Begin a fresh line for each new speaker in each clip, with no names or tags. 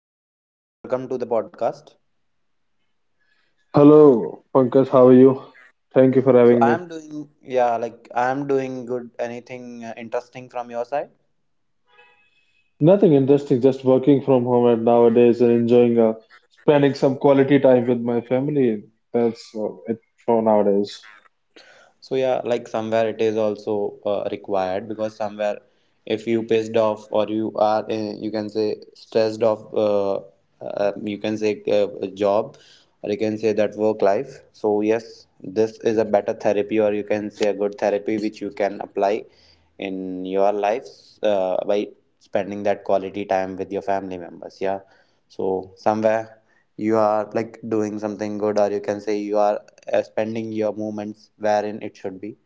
hello Akash, welcome to the podcast.
Hello, Pankaj, how are you? Thank you for
So
having
I
me.
am doing, yeah, like I am doing good. Anything interesting from your side?
Nothing interesting, just working from home and nowadays and enjoying spending some quality time with my family. That's it for nowadays.
So yeah, like somewhere it is also required, because somewhere if you pissed off, or you are you can say stressed off, you can say a job, or you can say that work life. So yes, this is a better therapy, or you can say a good therapy, which you can apply in your lives by spending that quality time with your family members. Yeah, so somewhere you are like doing something good, or you can say you are spending your moments wherein it should be.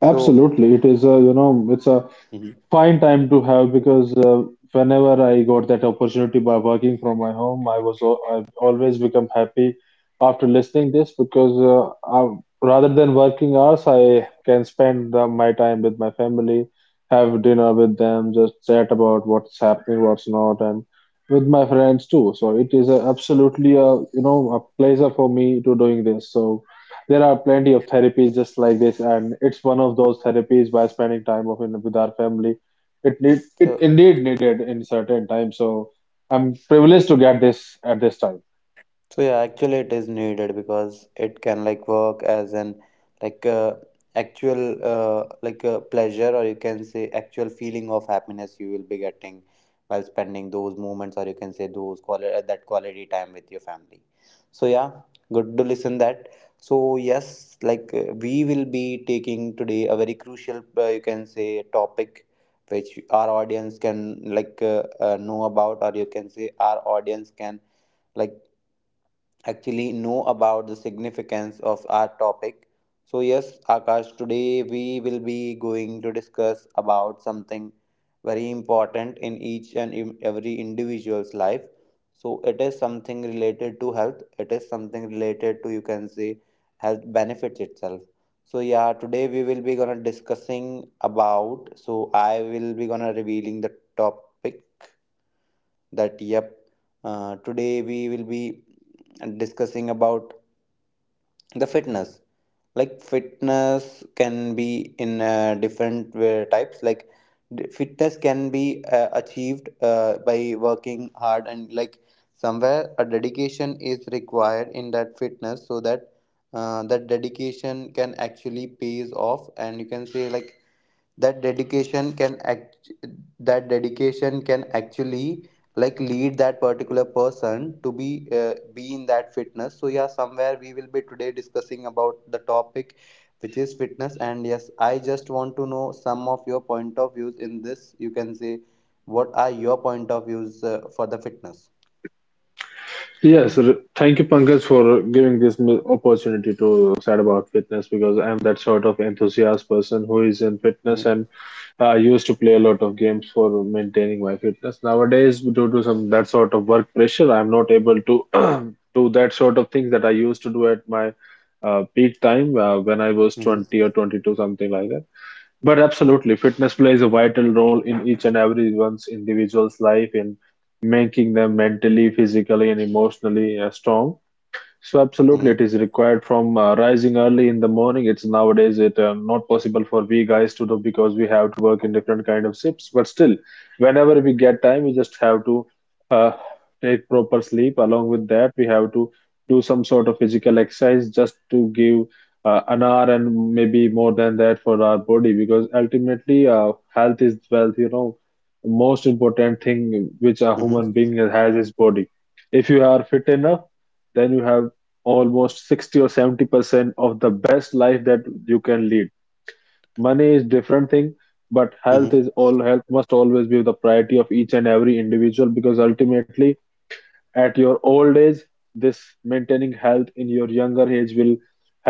So,
Absolutely, it is a you know it's a
Mhm.
fine time to have because whenever I got that opportunity by working from my home, I've always become happy after listening this because rather than working hours, I can spend my time with my family, have dinner with them, just chat about what's happening, what's not, and with my friends too. So it is a, absolutely a you know a pleasure for me to doing this. So there are plenty of therapies just like this, and it's one of those therapies by spending time with our family. It need it
So,
indeed needed in certain time. So I'm privileged to get this at this time.
so yeah, actually it is needed because it can like work as an, like actual like a pleasure, or you can say actual feeling of happiness you will be getting while spending those moments, or you can say those that quality time with your family. So yeah, good to listen that. So yes, like we will be taking today a very crucial you can say topic which our audience can like know about, or you can say our audience can like actually know about the significance of our topic. So yes, Akash, today we will be going to discuss about something very important in each and in every individual's life. So it is something related to health, it is something related to you can say health benefits itself. So yeah, today we will be gonna discussing about. So I will be gonna revealing the topic that yep, today we will be discussing about the fitness. Like fitness can be in different way types like fitness can be achieved by working hard, and like somewhere a dedication is required in that fitness, so that that dedication can actually pays off, and you can say like that dedication can act that dedication can actually like lead that particular person to be in that fitness. So yeah, somewhere we will be today discussing about the topic which is fitness. And yes, I just want to know some of your point of views in this, you can say, what are your point of views for the fitness?
Yes, thank you, Pankaj, for giving this opportunity to chat about fitness because I'm that sort of enthusiast person who is in fitness,
Mm-hmm.
and I used to play a lot of games for maintaining my fitness. Nowadays, due to some that sort of work pressure, I'm not able to do that sort of things that I used to do at my peak time when I was
Mm-hmm.
20 or 22, something like that. But absolutely, fitness plays a vital role in each and every one's individual's life in making them mentally, physically, and emotionally strong. So absolutely, it is required from rising early in the morning. It's Nowadays it not possible for we guys to do because we have to work in different kind of shifts. But still, whenever we get time, we just have to uh, take proper sleep. Along with that, we have to do some sort of physical exercise just to give an hour and maybe more than that for our body because ultimately, health is wealth. You know, the most important thing which a human
Mm-hmm.
being has is body. If you are fit enough, then you have almost 60 or 70% of the best life that you can lead. Money is different thing, but health is all. Health must always be the priority of each and every individual because ultimately, at your old age, this maintaining health in your younger age will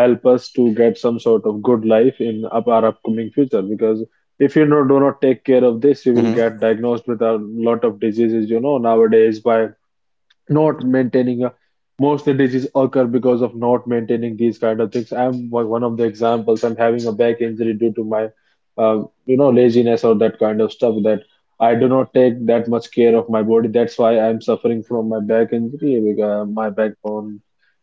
help us to get some sort of good life in up our upcoming future because if you know, do not take care of this, you will get
Mm-hmm.
diagnosed with a lot of diseases nowadays by not maintaining a. Most of the diseases occur because of not maintaining these kind of things. I'm one of the examples. I'm having a back injury due to my uh, laziness or that kind of stuff that I do not take that much care of my body. That's why I'm suffering from my back injury because my backbone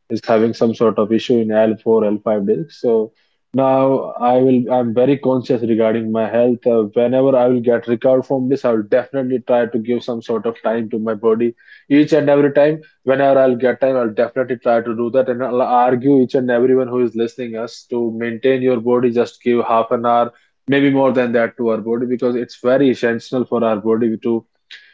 is having some sort of issue in L4, L5 disc. So now I'm very conscious regarding my health. Whenever I will get recovered from this, I will definitely try to give some sort of time to my body each and every time. Whenever I'll get time, I'll definitely try to do that. And I'll argue each and everyone who is listening us to maintain your body, just give half an hour. Maybe more than that to our body because it's very essential for our body to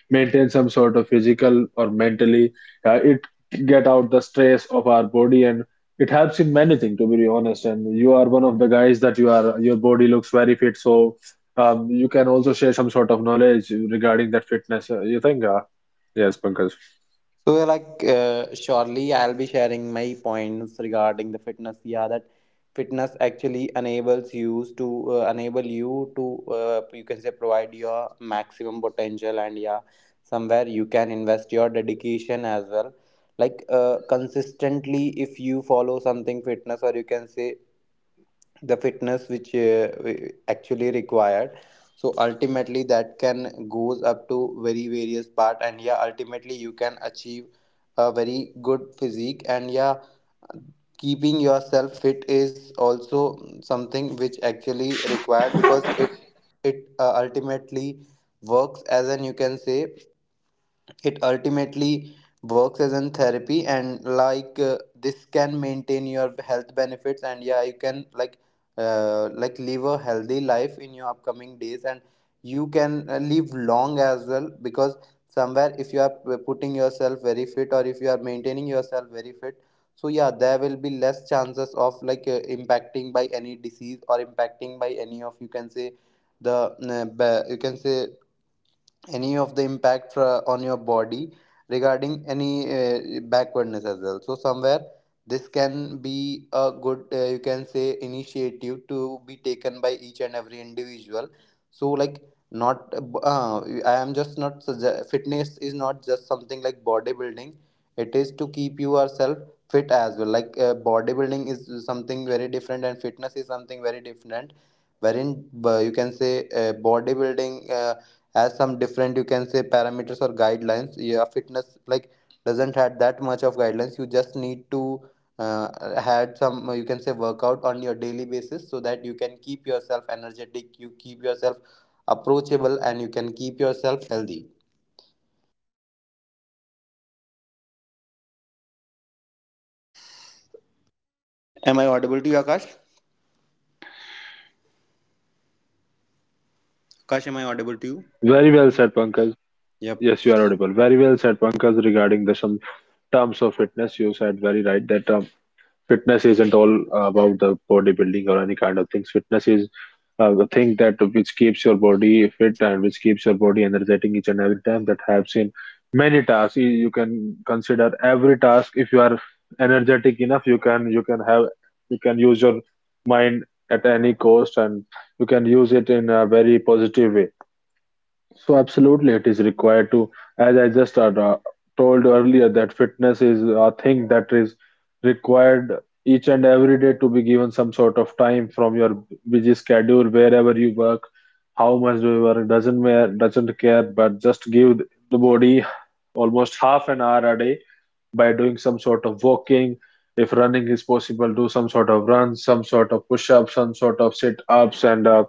maintain some sort of physical or mentally, it get out the stress of our body, and it helps in many things, to be honest. And you are one of the guys that your body looks very fit. So you can also share some sort of knowledge regarding that fitness, you think, yes, Pankaj.
So yeah, like, surely I'll be sharing my points regarding the fitness. Yeah, that fitness actually enables you to uh, enable you to you can say provide your maximum potential, and yeah, somewhere you can invest your dedication as well. Like, consistently, if you follow something fitness, or you can say the fitness which actually required, so ultimately that can goes up to very various part. And yeah, ultimately you can achieve a very good physique. And yeah, keeping yourself fit is also something which actually required, because it ultimately works as an, you can say, it ultimately works as a therapy. And like this can maintain your health benefits. And yeah, you can like live a healthy life in your upcoming days, and you can live long as well, because somewhere if you are putting yourself very fit, or if you are maintaining yourself very fit, so yeah, there will be less chances of like impacting by any disease, or impacting by any of, you can say, the you can say any of the on your body regarding any backwardness as well. So somewhere this can be a good you can say initiative to be taken by each and every individual. So like, not, uh, I am just not sugge- fitness is not just something like bodybuilding, it is to keep yourself fit as well. Like bodybuilding is something very different, and fitness is something very different, wherein you can say bodybuilding as some different, you can say, parameters or guidelines. Yeah, fitness like doesn't have that much of guidelines, you just need to uh, had some you can say workout on your daily basis, so that you can keep yourself energetic, you keep yourself approachable, and you can keep yourself healthy. Am I audible to you, Akash? Akash, am I audible to you?
Very well said, Pankaj.
Yep.
Yes, you are audible. Very well said, Pankaj, regarding the some terms of fitness. You said very right that fitness isn't all about the bodybuilding or any kind of things. Fitness is thing that which keeps your body fit and which keeps your body energetic each and every time. That helps in many tasks. You can consider every task. If you are energetic enough, you can use your mind at any cost, and you can use it in a very positive way. So absolutely, it is required to, as I just told earlier, that fitness is a thing that is required each and every day to be given some sort of time from your busy schedule. Wherever you work, how much do you work, doesn't matter, doesn't care, but just give the body almost half an hour a day by doing some sort of walking. If running is possible, do some sort of runs, some sort of push-ups, some sort of sit-ups, and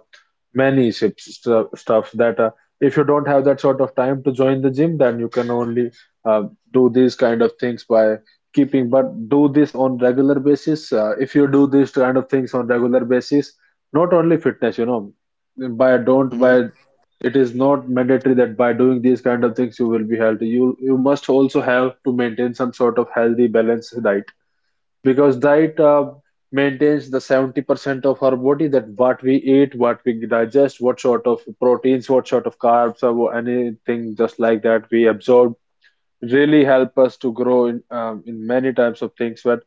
many stuff that if you don't have that sort of time to join the gym, then you can only uh, do these kind of things by keeping but do this on regular basis. Uh, if you do these kind of things on regular basis, not only fitness, by don't by
Mm-hmm.
it is not mandatory that by doing these kind of things you will be healthy. You must also have to maintain some sort of healthy balanced diet because diet maintains the 70% of our body. That what we eat, what we digest, what sort of proteins, what sort of carbs, or anything just like that we absorb really help us to grow in many types of things. But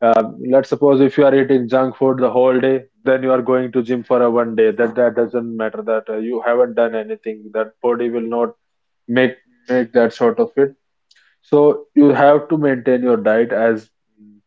let's suppose if you are eating junk food the whole day, then you are going to gym for a one day, that doesn't matter that you haven't done anything. That body will not make make that sort of it. So you have to maintain your diet as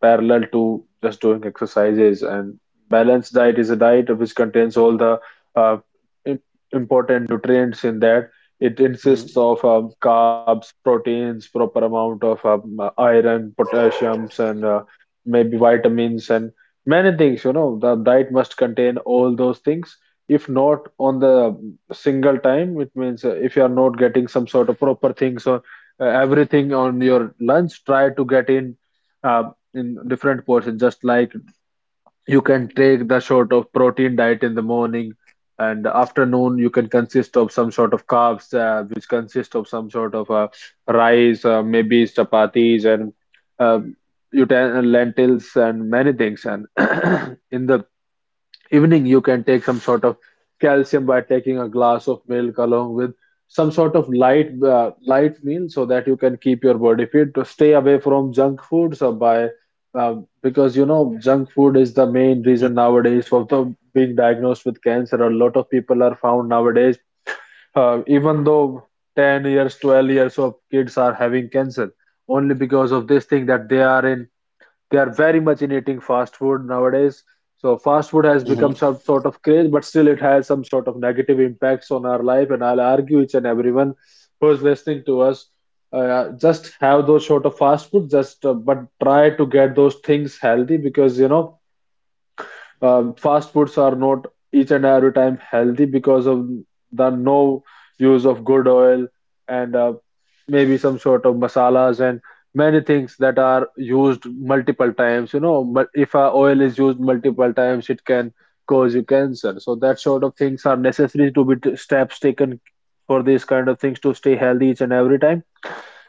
parallel to just doing exercises. And balanced diet is a diet which contains all the uh, im- important nutrients in that. It insists
Mm-hmm.
of carbs, proteins, proper amount of iron, potassiums, and maybe vitamins and many things. You know, the diet must contain all those things. If not on the single time, it means if you are not getting some sort of proper things, everything on your lunch, try to get uh, in different portions. Just like, you can take the sort of protein diet in the morning, and afternoon you can consist of some sort of carbs, which consist of some sort of rice, maybe chapatis and uh, you lentils and many things. And in the evening you can take some sort of calcium by taking a glass of milk along with some sort of light meal so that you can keep your body fit, to stay away from junk foods or by because junk food is the main reason nowadays for the being diagnosed with cancer. A lot of people are found nowadays, even though 10 years, 12 years of kids are having cancer, only because of this thing that they are very much in eating fast food nowadays. So fast food has become
Mm-hmm.
some sort of craze, but still it has some sort of negative impacts on our life. And I'll argue each and everyone who is listening to us, just have those sort of fast food, just but try to get those things healthy because fast foods are not each and every time healthy because of the no use of good oil and maybe some sort of masalas and many things that are used multiple times. You know, but if a oil is used multiple times, it can cause you cancer. So that sort of things are necessary to be steps taken for these kind of things to stay healthy each and every time.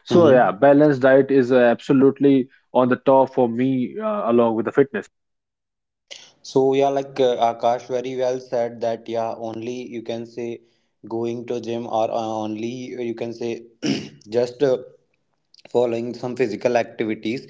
So
Mm-hmm.
yeah, balanced diet is absolutely on the top for me, along with the fitness.
So yeah, like Akash very well said that yeah, only you can say going to gym, or only you can say just. Following some physical activities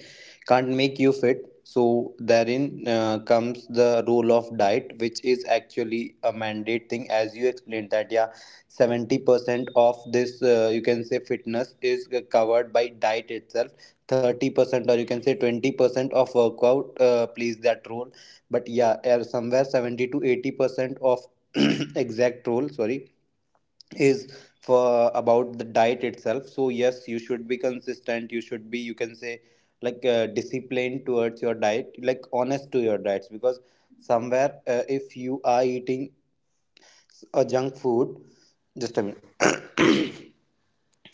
can't make you fit. So therein comes the role of diet, which is actually a mandate thing, as you explained that yeah, 70% of this, you can say, fitness is covered by diet itself. 30%, or you can say 20%, of workout plays that role. But yeah, somewhere 70 to 80% of exact role, sorry, is for about the diet itself. So yes, you should be consistent, you should be, you can say, like disciplined towards your diet, like honest to your diets. Because somewhere, if you are eating a junk food, just a minute,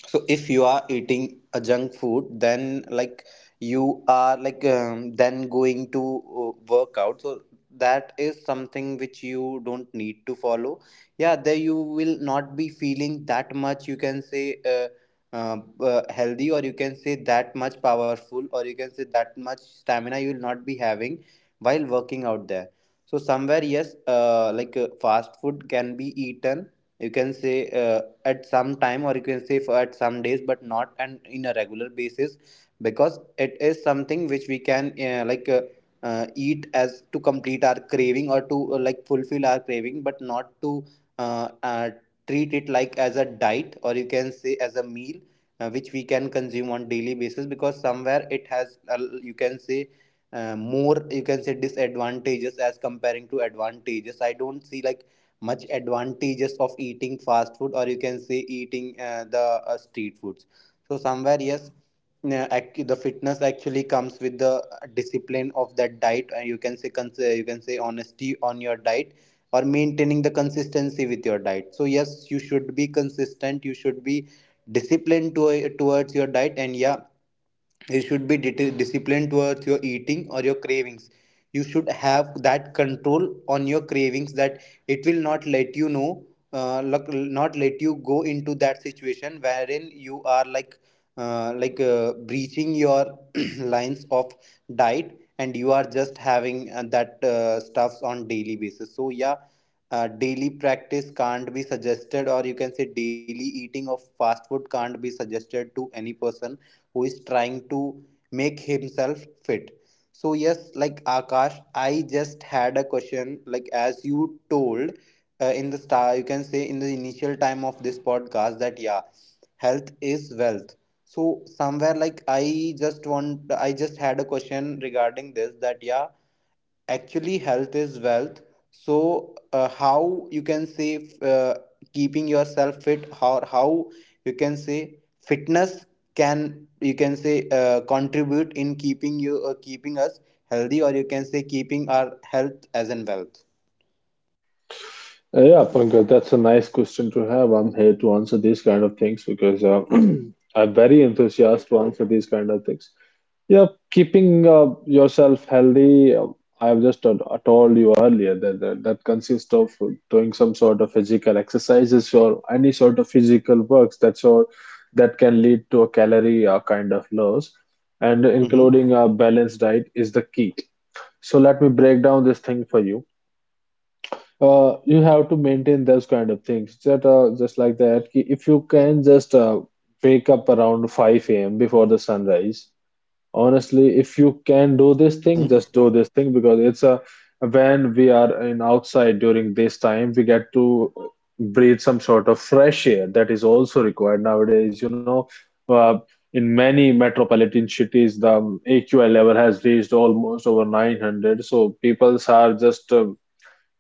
so if you are eating a junk food then like you are like, then going to work out, so that is something which you don't need to follow. Yeah, there you will not be feeling that much, you can say uh, healthy, or you can say that much powerful, or you can say that much stamina you will not be having while working out there. So somewhere yes, like fast food can be eaten, you can say at some time, or you can say for at some days, but not an in a regular basis. Because it is something which we can like eat as to complete our craving, or to like fulfill our craving, but not to uh, uh, treat it like as a diet, or you can say as a meal which we can consume on daily basis. Because somewhere it has you can say more, you can say, disadvantages as comparing to advantages. I don't see like much advantages of eating fast food, or you can say eating the street foods. So somewhere yes, the fitness actually comes with the discipline of that diet. And you can say you can say honesty on your diet, or maintaining the consistency with your diet. So yes, you should be consistent, you should be disciplined towards your diet. And yeah, you should be disciplined towards your eating, or your cravings. You should have that control on your cravings, that it will not let you know, not let you go into that situation wherein you are like breaching your lines of diet, and you are just having that stuffs on daily basis. So yeah, daily practice can't be suggested, or you can say daily eating of fast food can't be suggested to any person who is trying to make himself fit. So yes, like Akash, I just had a question. Like as you told in the star, you can say in the initial time of this podcast, that yeah, health is wealth. So somewhere like I just had a question regarding this, that yeah, actually health is wealth. So how you can say keeping yourself fit, how you can say fitness can, you can say, contribute in keeping you keeping us healthy, or you can say keeping our health as in wealth?
Yeah, Pankaj, that's a nice question to have. I'm here to answer these kind of things because I'm very enthusiastic to answer these kind of things. Yeah, keeping yourself healthy. Uh, I've just told you earlier that, that consists of doing some sort of physical exercises or any sort of physical works. That's all that can lead to a calorie kind of loss, and
Mm-hmm.
including a balanced diet is the key. So let me break down this thing for you. Uh, you have to maintain those kind of things that just like that, ki if you can just wake up around 5 a.m. Before the sunrise, honestly, if you can do this thing,
Mm-hmm.
just do this thing because it's a— when we are in outside during this time, we get to breathe some sort of fresh air that is also required nowadays, you know. uh, in many metropolitan cities, the AQI level has reached almost over 900, so people are just—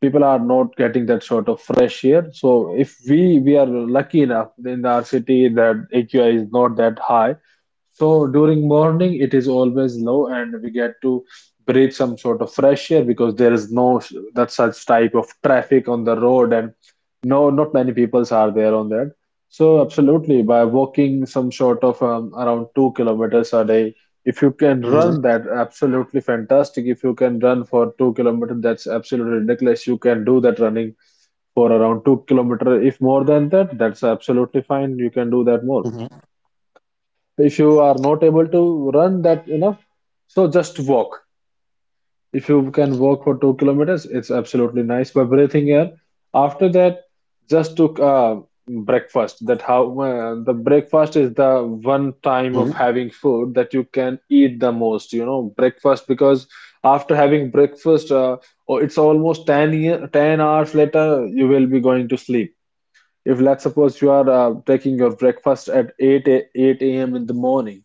people are not getting that sort of fresh air. So if we are lucky enough in our city that AQI is not that high, so during morning it is always low, and we get to breathe some sort of fresh air because there is no that such type of traffic on the road, and no, not many peoples are there on that. So absolutely, by walking some sort of around 2 kilometers a day, if you can run
Mm-hmm.
that, absolutely fantastic. If you can run for 2 kilometers, that's absolutely ridiculous. You can do that, running for around 2 kilometer. If more than that, that's absolutely fine. You can do that more.
Mm-hmm.
If you are not able to run that enough, so just walk. If you can walk for 2 kilometers, it's absolutely nice, by breathing air. After that, just took breakfast. That how the breakfast is the one time of
Mm-hmm.
having food that you can eat the most, you know, breakfast. Because after having breakfast, oh, it's almost 10 year, 10 hours later you will be going to sleep. If let's suppose you are taking your breakfast at 8 8 a.m. in the morning,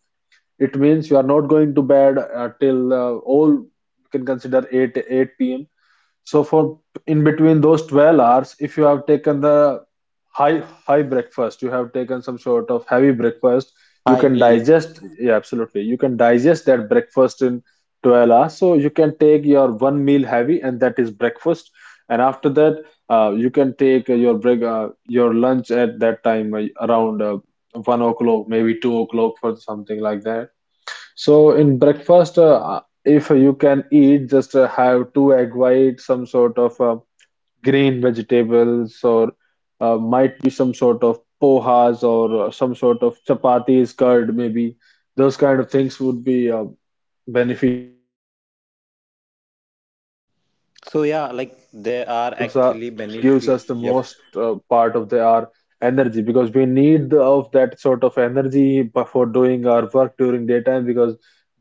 it means you are not going to bed till all, you can consider 8 8 p.m. So for in between those 12 hours, if you have taken the high high breakfast, you have taken some sort of heavy breakfast, you
High
can
meal.
digest. Yeah, absolutely. You can digest that breakfast in 12 hours. So you can take your one meal heavy, and that is breakfast. And after that, you can take your lunch at that time around 1 o'clock, maybe 2 o'clock, for something like that. So in breakfast, if you can eat, just have two egg whites, some sort of green vegetables, or might be some sort of pohas, or some sort of chapatis, curd maybe. Those kind of things would be beneficial for— in the breakfast or in lunch you must take some
So
sort of
yeah, like
carbs because, you know,
there are
carbs are—
actually
gives
benefits.
us the
Yep.
most part of the our energy, because we need of that sort of energy for doing our work during daytime, because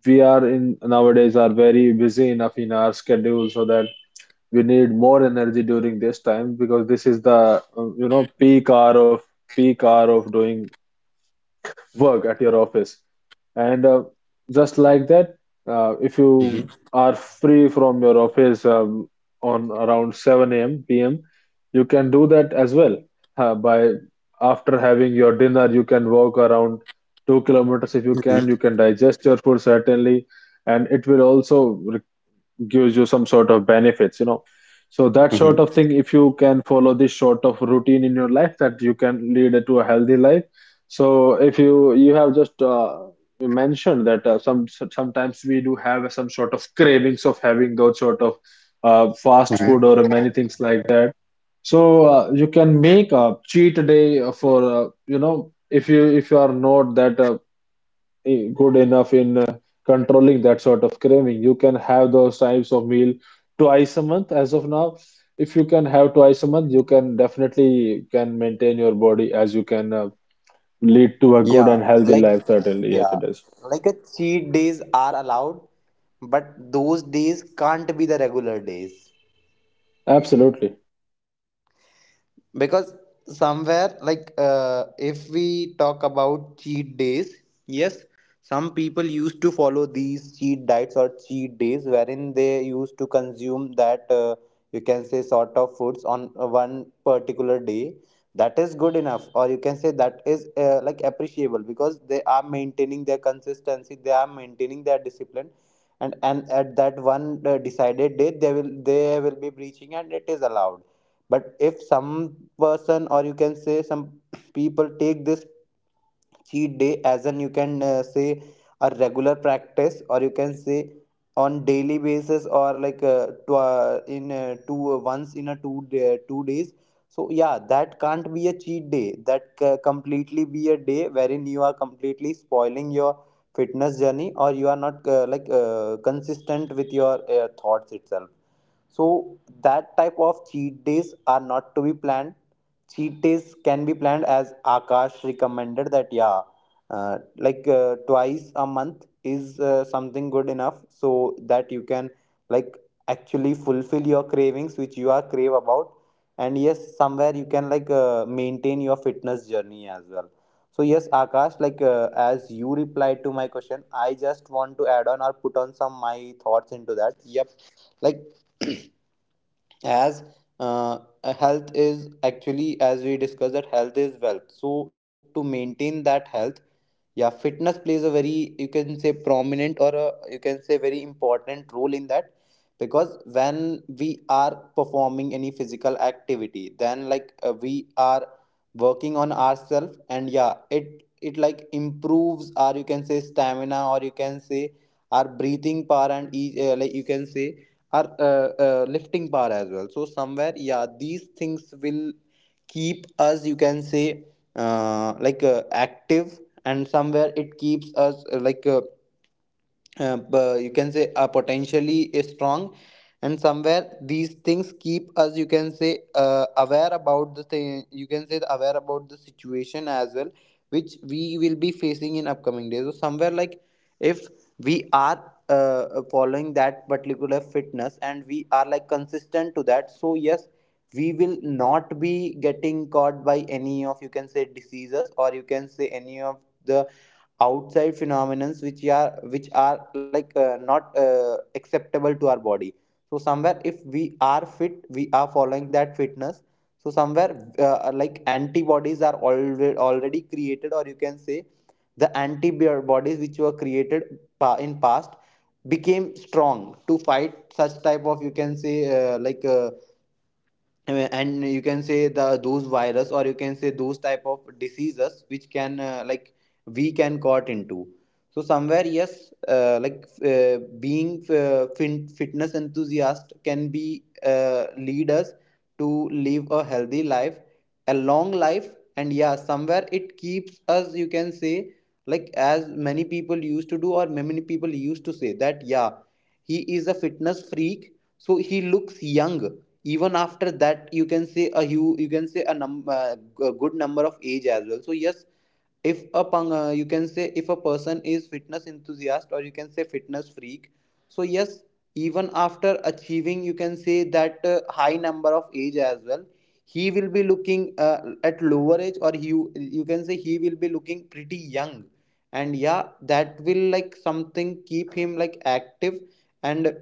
we are in— nowadays are very busy enough in our schedule, so that we need more energy during this time because this is the you know, peak hour of— doing work at your office. And just like that, if you
Mm-hmm.
are free from your office on around 7 a.m. p.m., you can do that as well. By— after having your dinner, you can walk around 2 kilometers if you can. You
Mm-hmm.
can digest your food certainly, and it will also gives you some sort of benefits, you know. So that sort of
Mm-hmm.
thing, if you can follow this sort of routine in your life, that you can lead it to a healthy life. So if you have just— you mentioned that some, sometimes we do have some sort of cravings of having those sort of fast food or many things like that, so you can make a cheat day for, you know, if you are not that good enough in controlling that sort of craving. You can have those types of meal twice a month, as of now. If you can have twice a month, you can definitely can maintain your body, as you can lead to a good
Yeah,
and healthy
like
life. Certainly, yes,
yeah,
it is.
like a cheat days are allowed, but those days can't be the regular days.
Absolutely.
Because somewhere like if we talk about cheat days, yes, some people used to follow these cheat diets or cheat days, wherein they used to consume that you can say sort of foods on one particular day. That is good enough, or you can say that is like appreciable, because they are maintaining their consistency, they are maintaining their discipline. And at that one decided date, they will be breaching, and it is allowed. But if some person, or you can say some people, take this cheat day as an, you can say, a regular practice, or you can say on daily basis, or like in two, once in a 2 day, 2 days, so yeah, that can't be a cheat day, that completely be a day wherein you are completely spoiling your fitness journey, or you are not like consistent with your thoughts itself. So that type of cheat days are not to be planned. Cheat days can be planned as Akash recommended that yeah, twice a month is something good enough so that you can like actually fulfill your cravings which you are crave about, and yes somewhere you can maintain your fitness journey as well. So yes, Akash, as you replied to my question, I just want to add on or put on some my thoughts into that. Yep. like as uh, Health is actually, as we discussed, that health is wealth, so to maintain that health, yeah, fitness plays a, very you can say, prominent or a, you can say, very important role in that, because when we are performing any physical activity, then we are working on ourselves, and yeah, it like improves our, you can say, stamina, or you can say our breathing power, and like you can say our lifting power as well. So somewhere, yeah, these things will keep us, you can say, active, and somewhere it keeps us you can say are potentially strong. And somewhere these things keep us, you can say, aware about the thing, you can say aware about the situation as well, which we will be facing in upcoming days. So somewhere, if we are following that particular fitness and we are like consistent to that, so yes, we will not be getting caught by any of, you can say, diseases, or you can say any of the outside phenomena, which are not acceptable to our body. So somewhere, if we are fit, we are following that fitness, so somewhere, like antibodies are already created, or you can say the antibodies which were created in past became strong to fight such type of, you can say, like and you can say the those virus, or you can say those type of diseases which can we can caught into. So somewhere, yes, being fitness enthusiast can be lead us to live a healthy life, a long life. And yeah, somewhere it keeps us you can say as many people used to do, or many people used to say that yeah, he is a fitness freak, so he looks young even after that, you can say, a a good number of age as well. So yes, if a you can say if a person is fitness enthusiast, or you can say fitness freak, so yes, even after achieving, you can say, that high number of age as well, he will be looking at lower age, or he, you can say, he will be looking pretty young, and yeah, that will like something keep him like active, and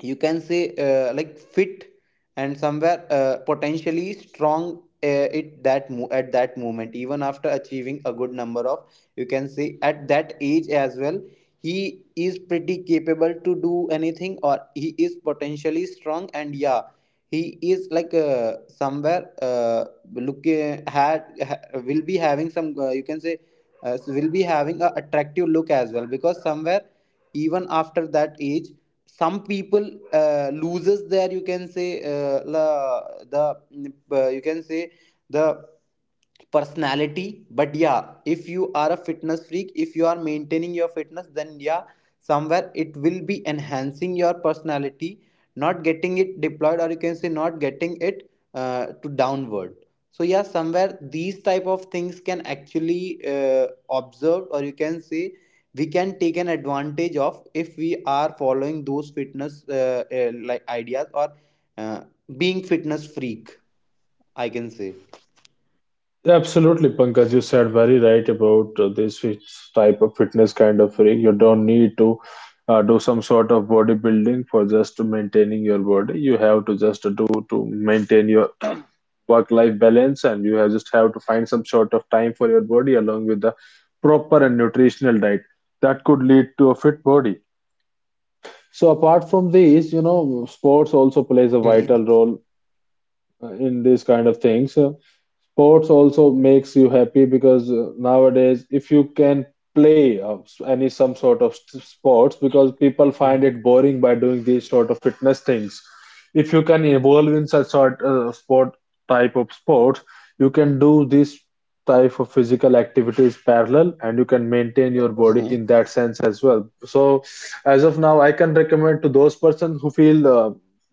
you can say fit, and somewhere potentially strong at that moment, even after achieving a good number of, you can say, at that age as well, he is pretty capable to do anything, or he is potentially strong. And yeah, he is like somewhere look had ha, will be having some, you can say will be having a attractive look as well, because somewhere, even after that age, some people loses their, the you can say the personality. But yeah, if you are a fitness freak, if you are maintaining your fitness, then yeah, somewhere it will be enhancing your personality, not getting it deployed, or you can say not getting it to downward. So yeah, somewhere these type of things can actually uh, observed, or you can say we can take an advantage of, if we are following those fitness like ideas, or uh, being fitness freak, I can say.
Absolutely, Pankaj, you said very right about this type of fitness kind of freak. You don't need to do some sort of bodybuilding for just to maintaining your body. You have to just do— to maintain your work-life balance, and you have just have to find some sort of time for your body, along with the proper and nutritional diet, that could lead to a fit body. So apart from these, you know, sports also plays a vital
Mhm.
role in these kind of things. Sports also makes you happy because nowadays, if you can play any some sort of sports, because people find it boring by doing these sort of fitness things, if you can evolve in such sort sport type of sports, you can do this type of physical activities parallel, and you can maintain your body
Mhm.
in that sense as well. So as of now, I can recommend to those persons who feel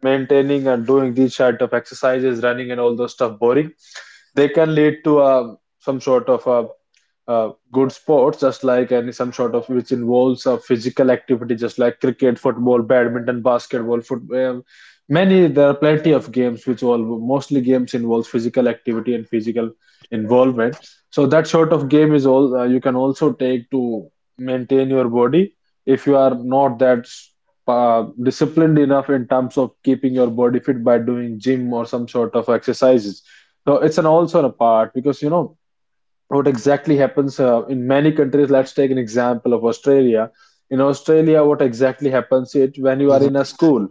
maintaining and doing these sort of exercises, running and all those stuff, boring. They can lead to a— some sort of a good sports, just like any some sort of which involves a physical activity, just like cricket, football, badminton, basketball, football. Many— there are plenty of games which— all— mostly games involves physical activity and physical involvement. So that sort of game is all, you can also take to maintain your body if you are not that disciplined enough in terms of keeping your body fit by doing gym or some sort of exercises. So it's an also a part because, you know, what exactly happens in many countries— let's take an example of Australia. In Australia, what exactly happens, it— when you are in a school,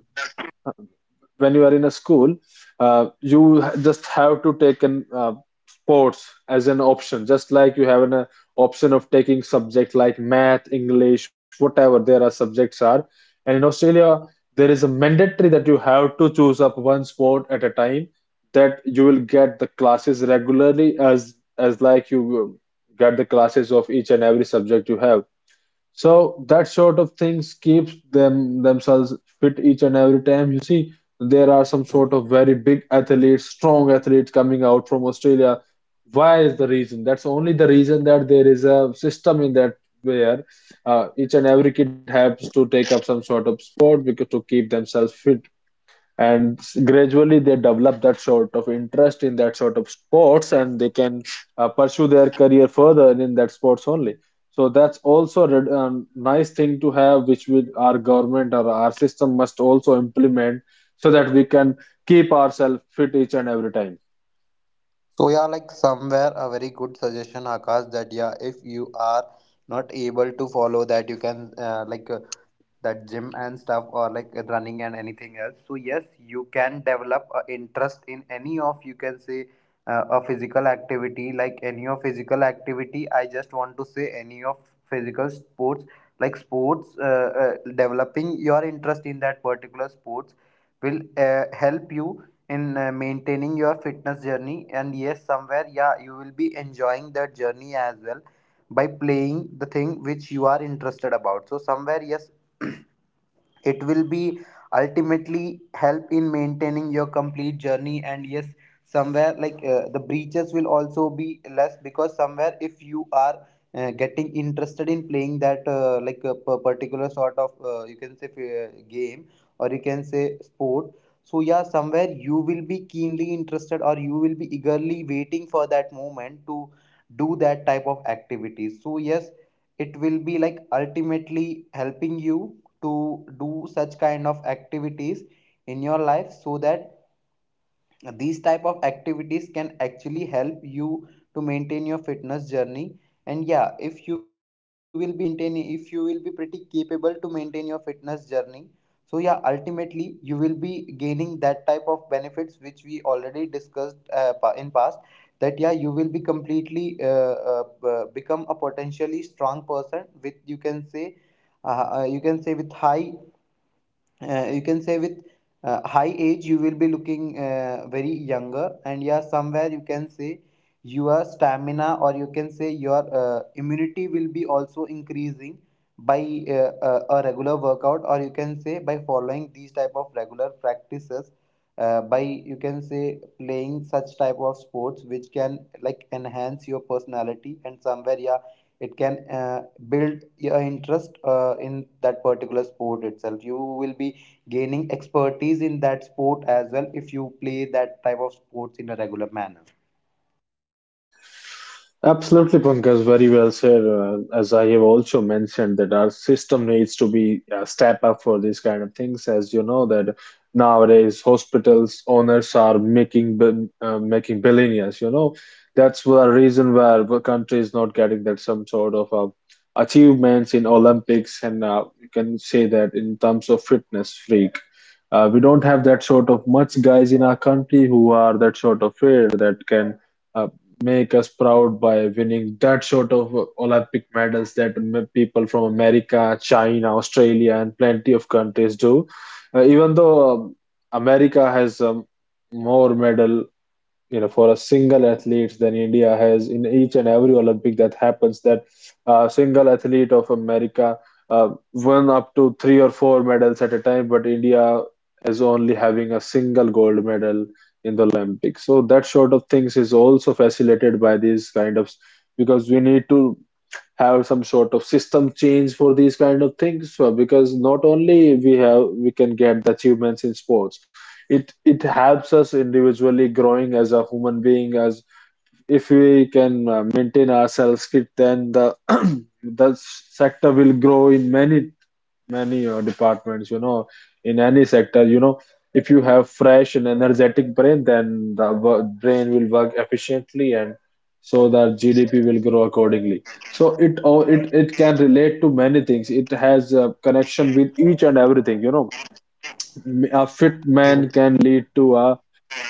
when you are in a school, you just have to take an sports as an option, just like you have an option of taking subject like math, English, whatever there are subjects are. And in Australia, there is a mandatory that you have to choose up one sport at a time. That you will get the classes regularly, as like you will get the classes of each and every subject you have. So that sort of things keeps them— themselves fit each and every time. You see, there are some sort of very big athletes, strong athletes coming out from Australia. Why is the reason? That's only the reason that there is a system in that where each and every kid has to take up some sort of sport because to keep themselves fit, and gradually they develop that sort of interest in that sort of sports, and they can pursue their career further in that sports only. So that's also a nice thing to have, which will— our government or our system must also implement, so that we can keep ourselves fit each and every time.
So yeah, like somewhere a very good suggestion, Akash, that yeah, if you are not able to follow that, you can that gym and stuff, or like running and anything else. So yes, you can develop a interest in any of, you can say, a physical activity, like any of physical activity. I just want to say any of physical sports, like sports, developing your interest in that particular sports will help you in maintaining your fitness journey, and yes, somewhere, yeah, you will be enjoying that journey as well by playing the thing which you are interested about. So somewhere, yes, it will be ultimately help in maintaining your complete journey. And yes, somewhere, the breaches will also be less, because somewhere, if you are getting interested in playing that, particular sort of, you can say game, or you can say sport, so yeah, somewhere you will be keenly interested, or you will be eagerly waiting for that moment to do that type of activities. So yes, it will be like ultimately helping you to do such kind of activities in your life, so that these type of activities can actually help you to maintain your fitness journey. And yeah, if you will be maintaining, if you will be pretty capable to maintain your fitness journey, so yeah, ultimately you will be gaining that type of benefits which we already discussed, in past, that yeah, you will be completely become a potentially strong person with, you can say, you can say with high, you can say with high age, you will be looking very younger, and yeah, somewhere, you can say, your stamina, or you can say your immunity will be also increasing by a regular workout, or you can say by following these type of regular practices, by you can say playing such type of sports which can like enhance your personality. And somewhere, yeah, it can build your interest in that particular sport itself. You will be gaining expertise in that sport as well if you play that type of sports in a regular manner.
Absolutely, Pankaj, very well said. As I have also mentioned, that our system needs to be a step up for these kind of things. As you know, that nowadays hospitals owners are making making billionaires, you know. That's the reason where the country is not getting that some sort of achievements in Olympics, and you can say that in terms of fitness freak. We don't have that sort of much guys in our country who are that sort of freak that can. uh, Make us proud by winning that sort of Olympic medals that people from America, China, Australia, and plenty of countries do. Even though, America has more medal, you know, for a single athlete then India has in each and every Olympic that happens, that a single athlete of America uh, won up to three or four medals at a time, but India is only having a single gold medal in the Olympics. So that sort of things is also facilitated by these kind of— because we need to have some sort of system change for these kind of things. So because not only we have— we can get the achievements in sports, it helps us individually growing as a human being, as— if we can maintain ourselves fit, then the the sector will grow in many, departments, you know, in any sector, you know. If you have fresh and energetic brain, then the brain will work efficiently, and so the GDP will grow accordingly. So it all— it can relate to many things. It has a connection with each and everything, you know. A fit man can lead to a—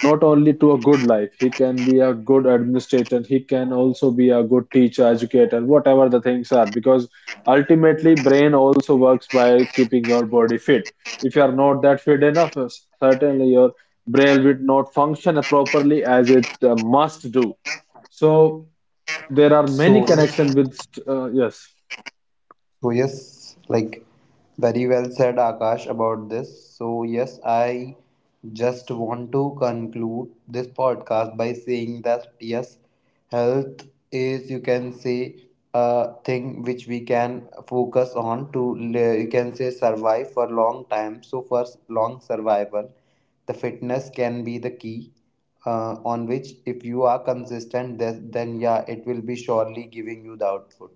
not only to a good life, he can be a good administrator, he can also be a good teacher, educator, whatever the things are, because ultimately brain also works by keeping your body fit. If you are not that fit enough, certainly your brain will not function properly as it must do. So there are many
So,
connections with yes—
so yes, like very well said Akash about this. So yes, I just want to conclude this podcast by saying that yes, health is, you can say, a thing which we can focus on to you can say survive for long time. So for long survival, the fitness can be the key on which, if you are consistent, then, yeah, it will be surely giving you the output.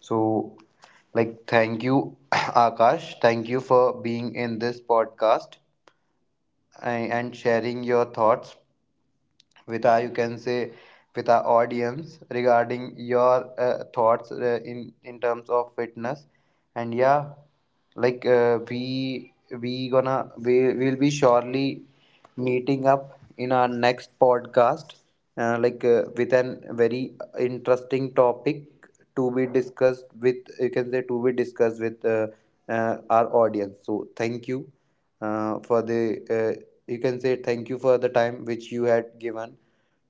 So, like, thank you, Akash. Thank you for being in this podcast and sharing your thoughts with our, you can say, with our audience, regarding your thoughts in terms of fitness. And yeah, like uh, we we gonna we will be surely meeting up in our next podcast, with an very interesting topic to be discussed with, you can say, to be discussed with our audience. So thank you for the, you can say, thank you for the time which you had given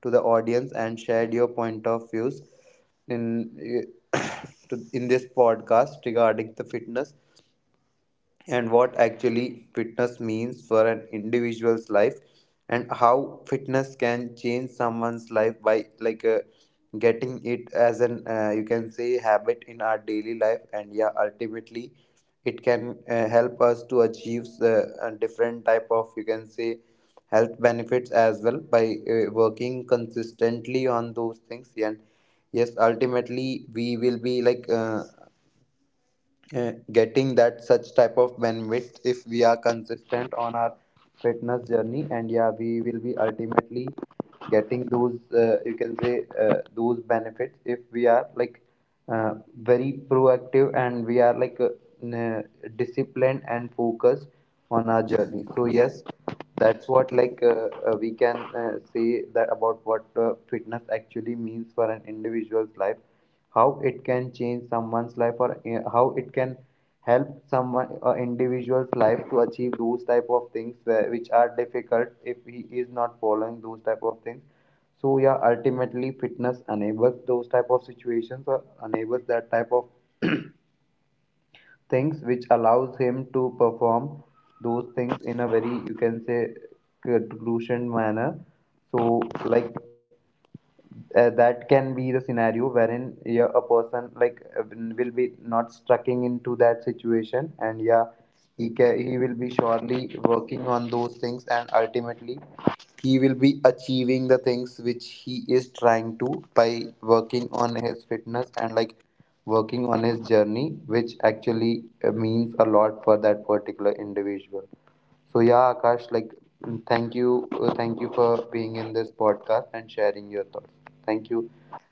to the audience, and shared your point of views in in this podcast regarding the fitness, and what actually fitness means for an individual's life, and how fitness can change someone's life by getting it as an, you can say, habit in our daily life. And yeah, ultimately it can help us to achieve a different type of, you can say, health benefits as well by working consistently on those things. And yes, ultimately we will be getting that such type of bandwidth if we are consistent on our fitness journey. And yeah, we will be ultimately getting those, you can say those benefits, if we are uh, very proactive, and we are n- uh, disciplined and focused on our journey. So yes, that's what we can say that about what fitness actually means for an individual's life, how it can change someone's life, or how it can help someone or individual's life to achieve those type of things where, which are difficult if he is not following those type of things. So yeah, ultimately fitness enables those type of situations, or enables that type of things which allows him to perform those things in a very, you can say, crucial manner. So like, that can be the scenario wherein yeah, a person will be not strucking into that situation. And yeah, he can, he will be surely working on those things, and ultimately he will be achieving the things which he is trying to, by working on his fitness, and like working on his journey, which actually means a lot for that particular individual. So yeah, Akash, like mm, thank you for being in this podcast and sharing your thoughts. Thank you.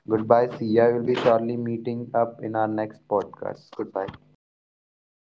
Goodbye. See ya. We'll be shortly meeting up in our next podcast. Goodbye.